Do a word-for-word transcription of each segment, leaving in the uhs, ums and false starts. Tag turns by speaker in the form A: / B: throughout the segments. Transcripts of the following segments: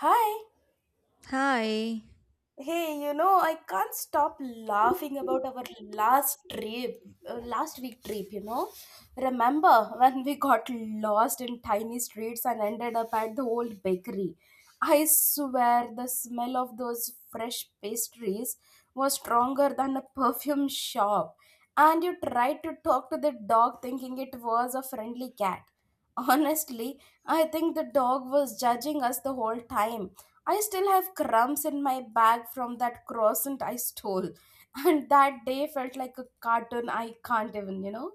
A: Hi.
B: Hi.
A: Hey, you know, I can't stop laughing about our last trip, uh, last week trip, you know. Remember when we got lost in tiny streets and ended up at the old bakery? I swear the smell of those fresh pastries was stronger than a perfume shop. And you tried to talk to the dog thinking it was a friendly cat. Honestly, I think the dog was judging us the whole time. I still have crumbs in my bag from that croissant I stole. And that day felt like a cartoon I can't even, you know?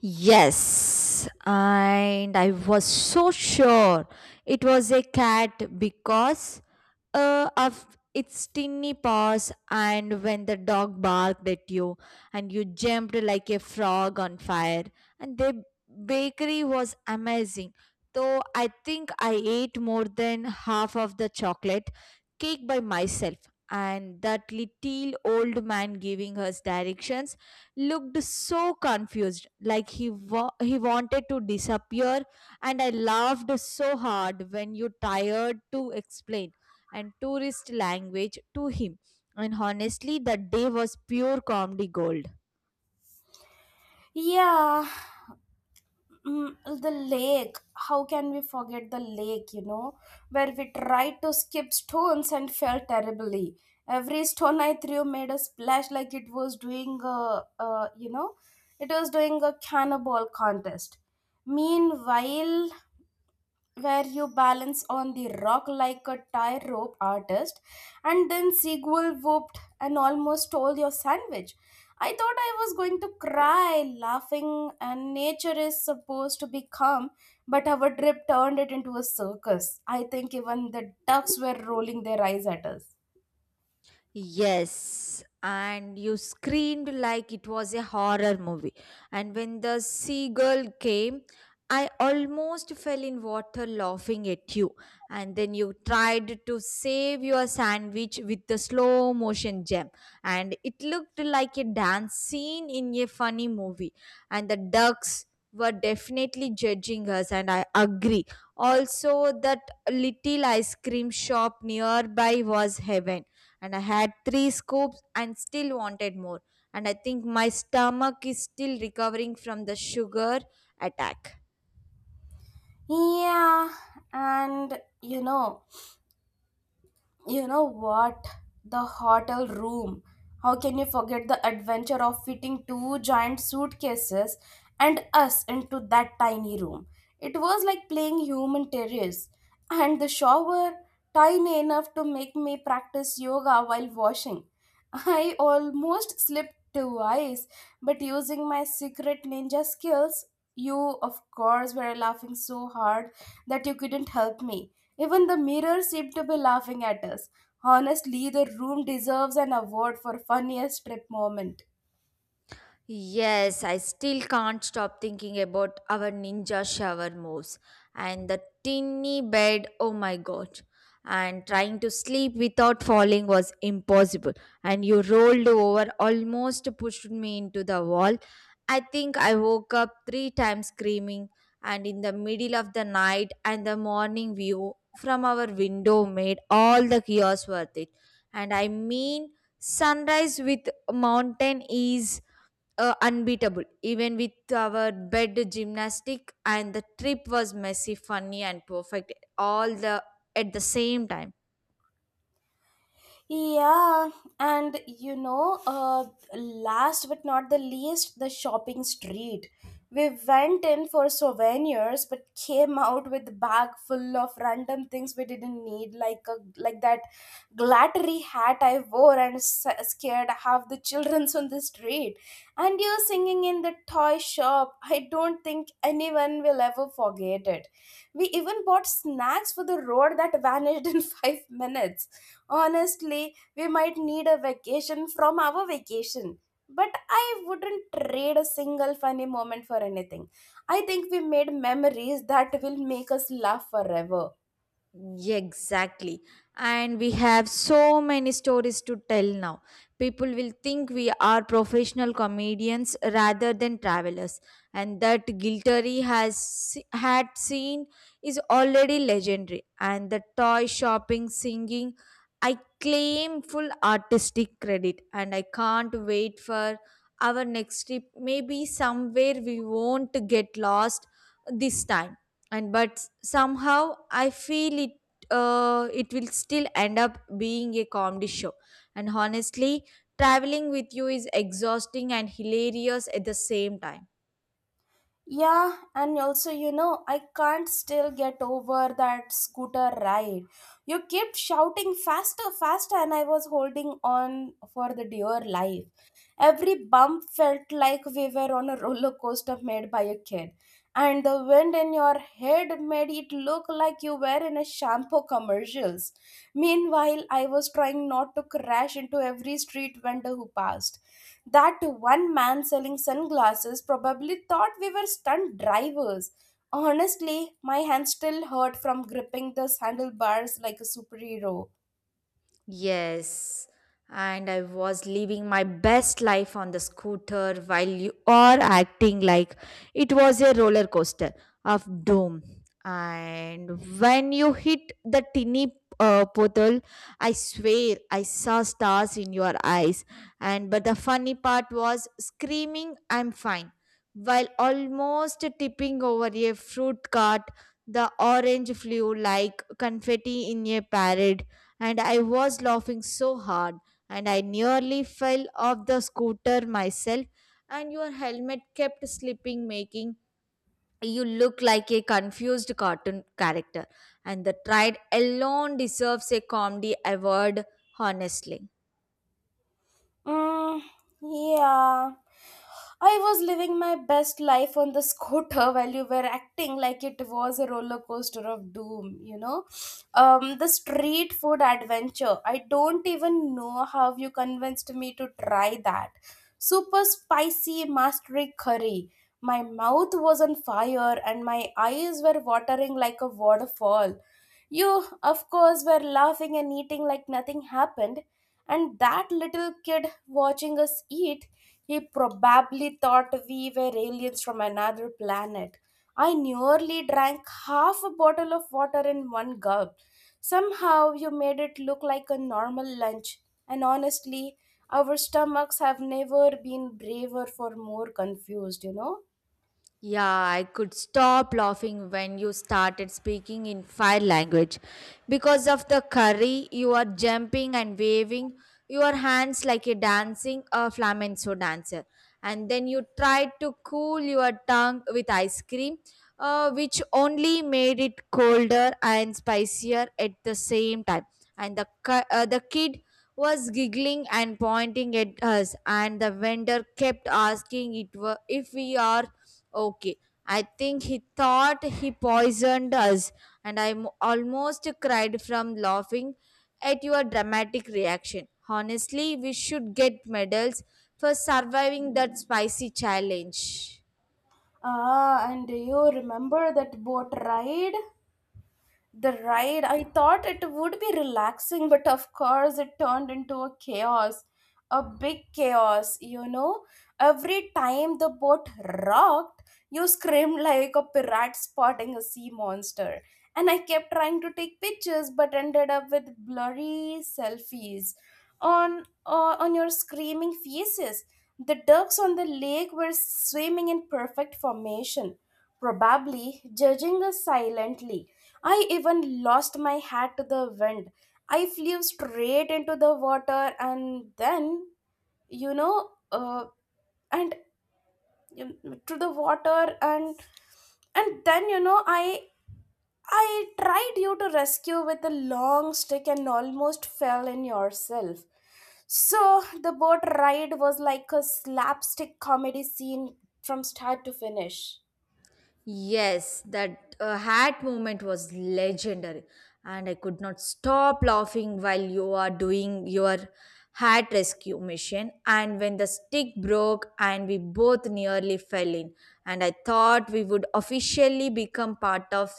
B: Yes, and I was so sure it was a cat because uh, of its tiny paws, and when the dog barked at you, and you jumped like a frog on fire, and the bakery was amazing. Though I think I ate more than half of the chocolate cake by myself, and that little old man giving us directions looked so confused, like he wa- he wanted to disappear, and I laughed so hard when you tired to explain and tourist language to him. And honestly, that day was pure comedy gold.
A: Yeah. Mm, the lake. How can we forget the lake, you know? Where we tried to skip stones and fell terribly. Every stone I threw made a splash like it was doing a, uh, you know, it was doing a cannonball contest. Meanwhile, where you balance on the rock like a tie rope artist, and then Sequel whooped and almost stole your sandwich. I thought I was going to cry, laughing, and nature is supposed to be calm, but our trip turned it into a circus. I think even the ducks were rolling their eyes at us.
B: Yes, and you screamed like it was a horror movie. And when the seagull came, I almost fell in water laughing at you. And then you tried to save your sandwich with the slow motion jump. And it looked like a dance scene in a funny movie. And the ducks were definitely judging us, and I agree. Also, that little ice cream shop nearby was heaven and I had three scoops and still wanted more. And I think my stomach is still recovering from the sugar attack.
A: Yeah, and you know, you know what? The hotel room. How can you forget the adventure of fitting two giant suitcases and us into that tiny room? It was like playing human terrace. And the shower, tiny enough to make me practice yoga while washing. I almost slipped twice, but using my secret ninja skills, you, of course, were laughing so hard that you couldn't help me. Even the mirror seemed to be laughing at us. Honestly, the room deserves an award for funniest trip moment.
B: Yes, I still can't stop thinking about our ninja shower moves and the tinny bed. Oh my god. And trying to sleep without falling was impossible. And you rolled over, almost pushed me into the wall. I think I woke up three times screaming, and in the middle of the night, and the morning view from our window made all the chaos worth it. And I mean, sunrise with mountain is uh, unbeatable even with our bed gymnastic and the trip was messy funny and perfect all the at the same time.
A: Yeah, and you know, uh, last but not the least, the shopping street. We went in for souvenirs, but came out with a bag full of random things we didn't need, like a like that glattery hat I wore and s- scared half the childrens on the street. And you singing in the toy shop. I don't think anyone will ever forget it. We even bought snacks for the road that vanished in five minutes. Honestly, we might need a vacation from our vacation. But I wouldn't trade a single funny moment for anything. I think we made memories that will make us laugh forever.
B: Yeah, exactly. And we have so many stories to tell now. People will think we are professional comedians rather than travelers. And that Gilteri has se- had seen is already legendary. And the toy shopping singing, I claim full artistic credit. And I can't wait for our next trip. Maybe somewhere we won't get lost this time and but somehow I feel it uh, it will still end up being a comedy show and honestly traveling with you is exhausting and hilarious at the same time.
A: Yeah, and also, you know, I can't still get over that scooter ride. You kept shouting faster, faster, and I was holding on for the dear life. Every bump felt like we were on a roller coaster made by a kid, and the wind in your head made it look like you were in a shampoo commercials. Meanwhile, I was trying not to crash into every street vendor who passed. That one man selling sunglasses probably thought we were stunt drivers. Honestly, my hand still hurt from gripping the handlebars like a superhero.
B: Yes, and I was living my best life on the scooter while you are acting like it was a roller coaster of doom. And when you hit the tinny uh, portal, I swear I saw stars in your eyes. And but the funny part was screaming, "I'm fine!" while almost tipping over a fruit cart. The orange flew like confetti in a parade and I was laughing so hard and I nearly fell off the scooter myself and your helmet kept slipping making you look like a confused cartoon character and the tried alone deserves a comedy award honestly.
A: Mm, yeah. I was living my best life on the scooter while you were acting like it was a roller coaster of doom, you know? Um, the street food adventure. I don't even know how you convinced me to try that. Super spicy mastery curry. My mouth was on fire and my eyes were watering like a waterfall. You, of course, were laughing and eating like nothing happened. And that little kid watching us eat, he probably thought we were aliens from another planet. I nearly drank half a bottle of water in one gulp. Somehow you made it look like a normal lunch, and honestly, our stomachs have never been braver for more confused, you know?
B: Yeah, I could stop laughing when you started speaking in fire language. Because of the curry, you are jumping and waving your hands like a dancing a flamenco dancer. And then you tried to cool your tongue with ice cream, uh, which only made it colder and spicier at the same time. And the cu- uh, the kid was giggling and pointing at us, and the vendor kept asking it wa- if we are okay. I think he thought he poisoned us, and I mo- almost cried from laughing at your dramatic reaction. Honestly, we should get medals for surviving that spicy challenge.
A: Ah, and do you remember that boat ride? The ride, I thought it would be relaxing, but of course it turned into a chaos. A big chaos, you know. Every time the boat rocked, you screamed like a pirate spotting a sea monster. And I kept trying to take pictures but ended up with blurry selfies on uh, on your screaming faces. The ducks on the lake were swimming in perfect formation, probably judging us silently. I even lost my hat to the wind. I flew straight into the water and then, you know, uh, and um, to the water and and then you know I I tried you to rescue with a long stick and almost fell in yourself. So the boat ride was like a slapstick comedy scene from start to finish.
B: Yes, that uh, hat moment was legendary, and I could not stop laughing while you are doing your hat rescue mission. And when the stick broke, and we both nearly fell in, and I thought we would officially become part of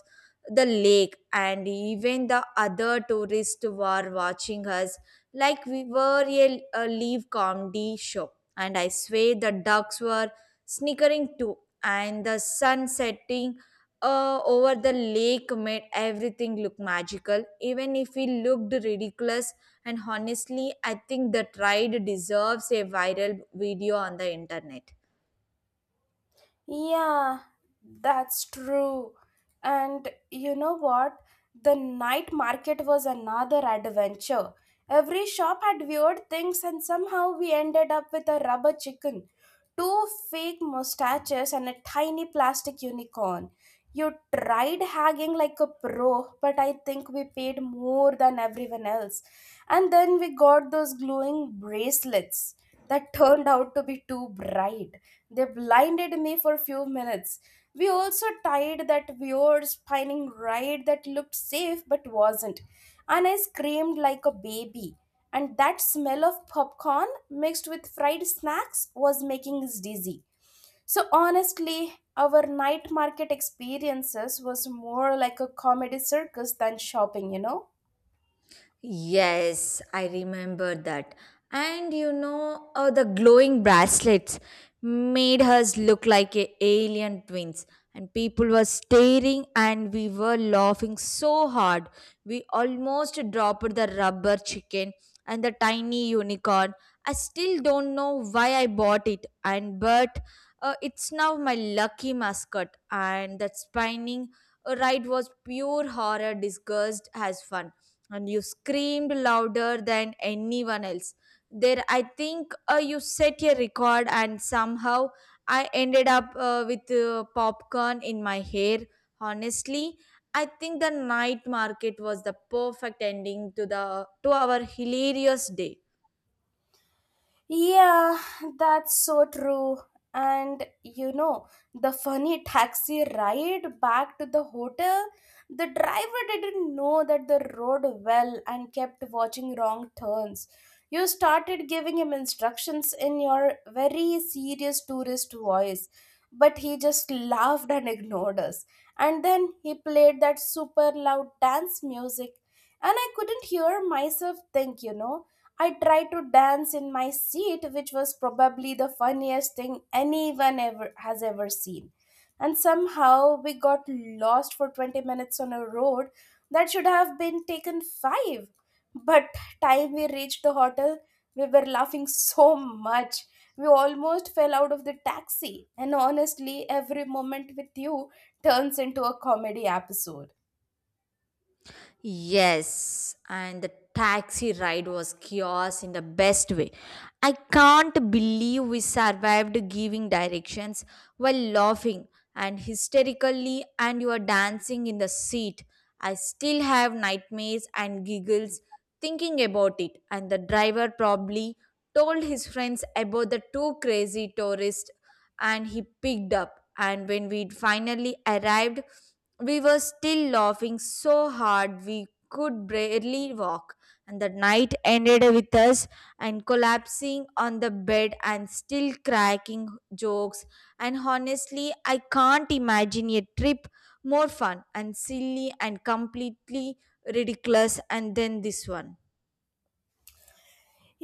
B: the lake, and even the other tourists were watching us like we were a, a live comedy show. And I swear the ducks were snickering too, and the sun setting uh, over the lake made everything look magical, even if it looked ridiculous. And honestly, I think the ride deserves a viral video on the internet.
A: Yeah, that's true. And you know what? The night market was another adventure. Every shop had weird things, and somehow we ended up with a rubber chicken, two fake mustaches and a tiny plastic unicorn. You tried hagging like a pro, but I think we paid more than everyone else. And then we got those glowing bracelets that turned out to be too bright. They blinded me for a few minutes. We also tied that weird spinning ride that looked safe but wasn't. And I screamed like a baby and that smell of popcorn mixed with fried snacks was making us dizzy. So honestly, our night market experiences was more like a comedy circus than shopping, you know.
B: Yes, I remember that. And you know, uh, the glowing bracelets made us look like a alien twins. And people were staring, and we were laughing so hard. We almost dropped the rubber chicken and the tiny unicorn. I still don't know why I bought it, and but uh, it's now my lucky mascot. And that spinning ride was pure horror disguised as fun and you screamed louder than anyone else. There, I think uh, you set a record, and somehow I ended up uh, with uh, popcorn in my hair. Honestly, I think the night market was the perfect ending to the to our hilarious day.
A: Yeah, that's so true. And you know, the funny taxi ride back to the hotel, the driver didn't know that the road well and kept watching wrong turns. You started giving him instructions in your very serious tourist voice, but he just laughed and ignored us. And then he played that super loud dance music, and I couldn't hear myself think, you know. I tried to dance in my seat, which was probably the funniest thing anyone ever has ever seen. And somehow we got lost for twenty minutes on a road that should have been taken five. But time we reached the hotel, we were laughing so much. We almost fell out of the taxi. And honestly, every moment with you turns into a comedy episode.
B: Yes, and the taxi ride was chaos in the best way. I can't believe we survived giving directions while laughing and hysterically, and you were dancing in the seat. I still have nightmares and giggles thinking about it, and the driver probably told his friends about the two crazy tourists and he picked up. And when we finally arrived, we were still laughing so hard we could barely walk, and the night ended with us and collapsing on the bed and still cracking jokes. And honestly, I can't imagine a trip more fun and silly and completely ridiculous and then this one.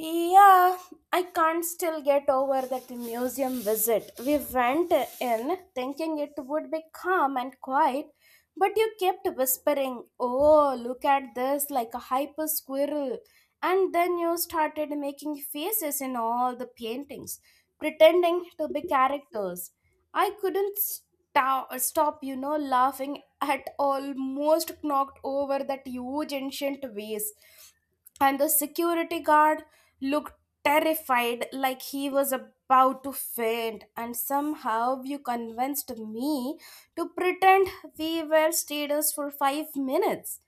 A: Yeah, I can't still get over that museum visit. We went in thinking it would be calm and quiet, but you kept whispering, "Oh, look at this," like a hyper squirrel. And then you started making faces in all the paintings, pretending to be characters. I couldn't stop, stop you know, laughing at almost knocked over that huge ancient vase. And the security guard looked terrified like he was about to faint. And somehow you convinced me to pretend we were status for five minutes.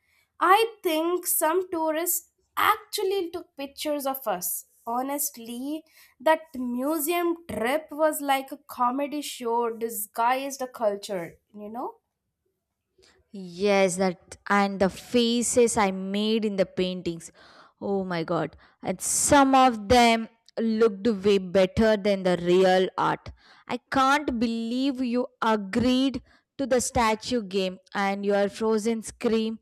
A: I think some tourists actually took pictures of us. Honestly, that museum trip was like a comedy show disguised a culture, you know.
B: Yes, that and the faces I made in the paintings. Oh my god. And some of them looked way better than the real art. I can't believe you agreed to the statue game and your frozen scream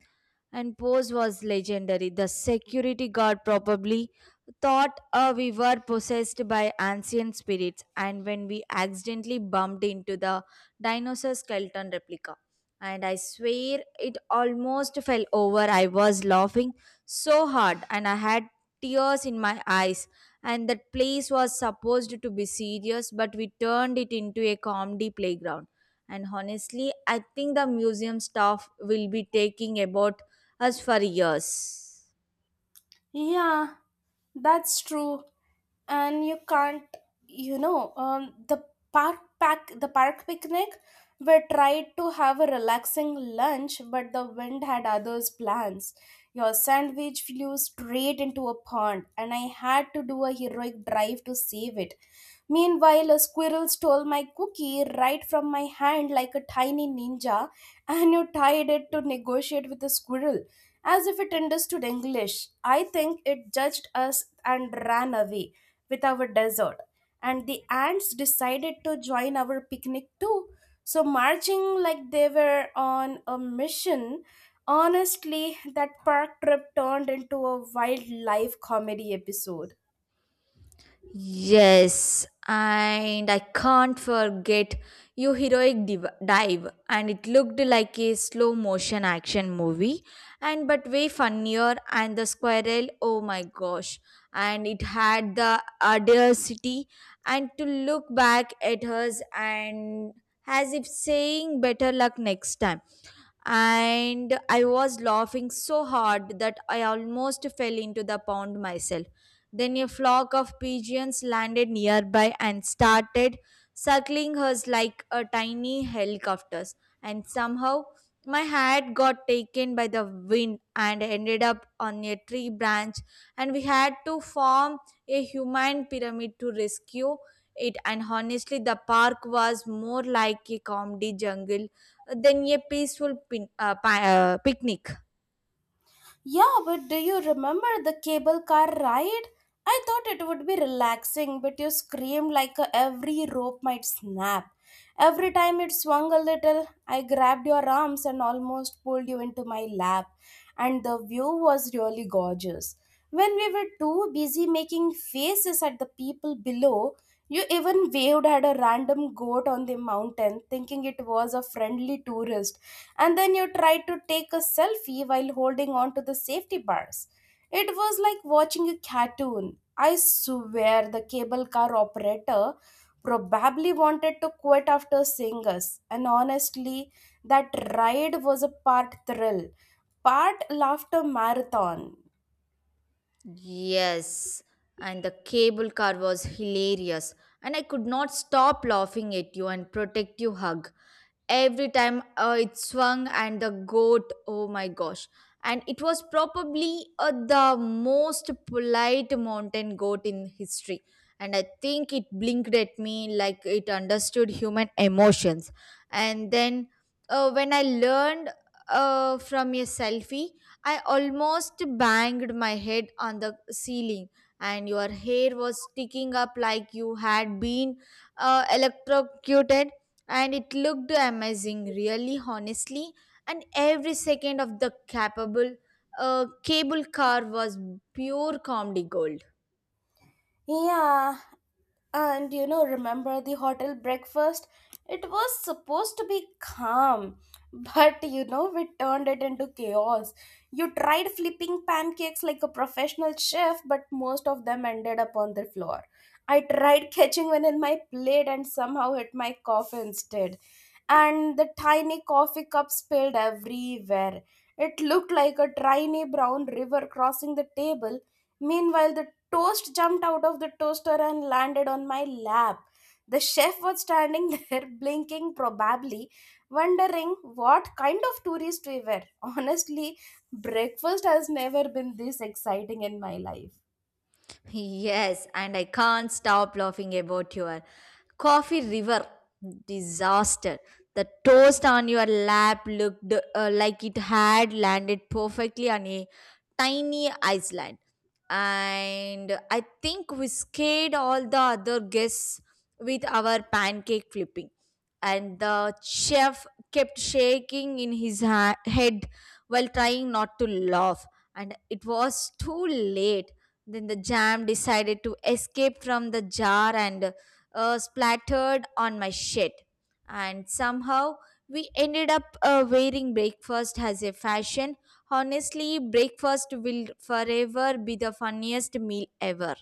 B: and pose was legendary. The security guard probably thought uh, we were possessed by ancient spirits, and when we accidentally bumped into the dinosaur skeleton replica. And I swear it almost fell over. I was laughing so hard, and I had tears in my eyes. And that place was supposed to be serious, but we turned it into a comedy playground and honestly I think the museum staff will be taking about us for years.
A: Yeah, that's true. And you can't you know um, the park pack the park picnic. We tried to have a relaxing lunch but the wind had others plans. Your sandwich flew straight into a pond and I had to do a heroic drive to save it. Meanwhile, a squirrel stole my cookie right from my hand like a tiny ninja, and you tied it to negotiate with the squirrel as if it understood English. I think it judged us and ran away with our dessert. And the ants decided to join our picnic too. So, marching like they were on a mission, honestly, that park trip turned into a wildlife comedy episode.
B: Yes, and I can't forget your heroic div- dive, and it looked like a slow motion action movie, and but way funnier. And the squirrel, oh my gosh, and it had the audacity, and to look back at us and as if saying better luck next time. And I was laughing so hard that I almost fell into the pond myself. Then a flock of pigeons landed nearby and started circling us like a tiny helicopters. And somehow my hat got taken by the wind and ended up on a tree branch. And we had to form a human pyramid to rescue it. And honestly, the park was more like a comedy jungle than a peaceful pin, uh, pi- uh, picnic.
A: Yeah, but do you remember the cable car ride? I thought it would be relaxing, but you screamed like a- every rope might snap. Every time it swung a little, I grabbed your arms and almost pulled you into my lap. And the view was really gorgeous. When we were too busy making faces at the people below, you even waved at a random goat on the mountain, thinking it was a friendly tourist. And then you tried to take a selfie while holding on to the safety bars. It was like watching a cartoon. I swear the cable car operator probably wanted to quit after seeing us, and honestly, that ride was a part thrill, part laughter marathon.
B: Yes, and the cable car was hilarious, and I could not stop laughing at you and protect you hug. Every time uh, it swung and the goat oh my gosh and it was probably uh, the most polite mountain goat in history and I think it blinked at me like it understood human emotions and then uh, when I learned uh, from a selfie I almost banged my head on the ceiling and your hair was sticking up like you had been uh, electrocuted and it looked amazing really honestly and every second of the capable uh, cable car was pure comedy gold.
A: Yeah, and you know, remember the hotel breakfast? It was supposed to be calm, but you know, we turned it into chaos. You tried flipping pancakes like a professional chef, but most of them ended up on the floor. I tried catching one in my plate and somehow hit my coffee instead. And the tiny coffee cup spilled everywhere. It looked like a tiny brown river crossing the table. Meanwhile, the toast jumped out of the toaster and landed on my lap. The chef was standing there, blinking, probably wondering what kind of tourist we were. Honestly, breakfast has never been this exciting in my life.
B: Yes, and I can't stop laughing about your coffee river disaster. The toast on your lap looked uh, like it had landed perfectly on a tiny island. And I think we scared all the other guests with our pancake flipping. And the chef kept shaking in his ha- head while trying not to laugh. And it was too late then the jam decided to escape from the jar and uh, splattered on my shit. And somehow we ended up uh, wearing breakfast as a fashion. Honestly, breakfast will forever be the funniest meal ever.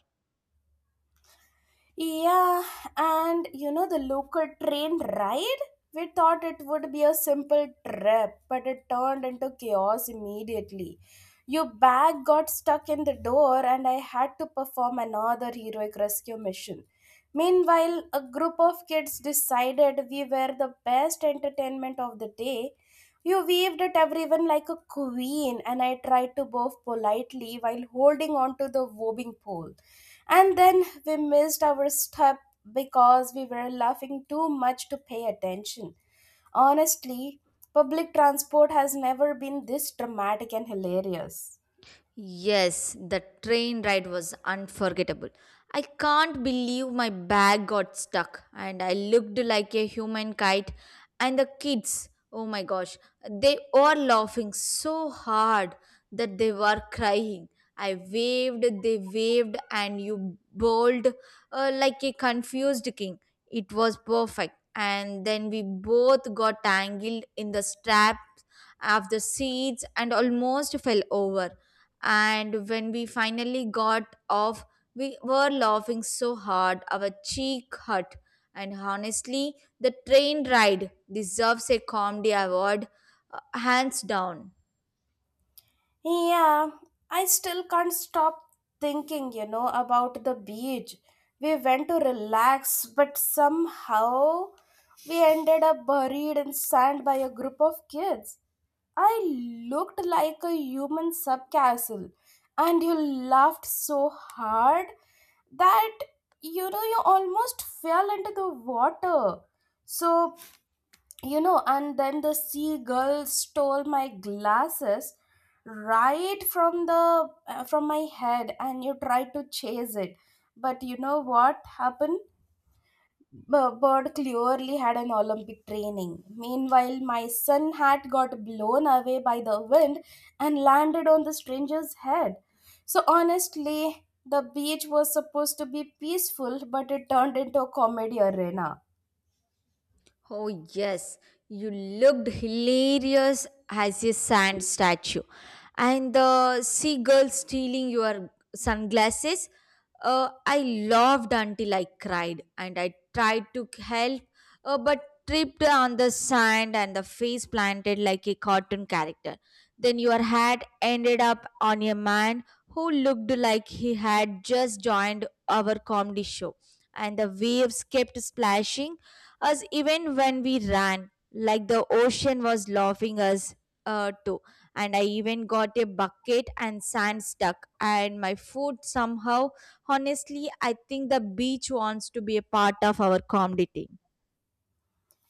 A: Yeah, and you know the local train ride? We thought it would be a simple trip, but it turned into chaos immediately. Your bag got stuck in the door, and I had to perform another heroic rescue mission. Meanwhile, a group of kids decided we were the best entertainment of the day. You waved at everyone like a queen, and I tried to bow politely while holding on to the wobbing pole. And then we missed our step because we were laughing too much to pay attention. Honestly, public transport has never been this dramatic and hilarious.
B: Yes, the train ride was unforgettable. I can't believe my bag got stuck and I looked like a human kite. And the kids, oh my gosh, they were laughing so hard that they were crying. I waved, they waved, and you bowled uh, like a confused king. It was perfect. And then we both got tangled in the straps of the seats and almost fell over and when we finally got off we were laughing so hard our cheek hurt and honestly the train ride deserves a comedy award uh, hands down.
A: Yeah, I still can't stop thinking, you know, about the beach. We went to relax, but somehow we ended up buried in sand by a group of kids. I looked like a human subcastle, and you laughed so hard that you know you almost fell into the water. So, you know, and then the seagull stole my glasses right from the uh, from my head and you tried to chase it. But you know what happened? B- Bird clearly had an Olympic training. Meanwhile, my son hat got blown away by the wind and landed on the stranger's head. So, honestly, the beach was supposed to be peaceful, but it turned into a comedy arena.
B: Oh, yes, you looked hilarious as a sand statue. And the seagull stealing your sunglasses, uh, I laughed until I cried and I tried to help, uh, but tripped on the sand and the face planted like a cartoon character. Then your hat ended up on a man who looked like he had just joined our comedy show, and the waves kept splashing us even when we ran, like the ocean was laughing us uh, too. And I even got a bucket and sand stuck, and my foot somehow. Honestly, I think the beach wants to be a part of our comedy team.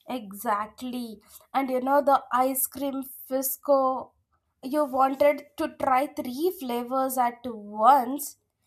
A: Exactly. And you know, the ice cream fisco, you wanted to try three flavors at once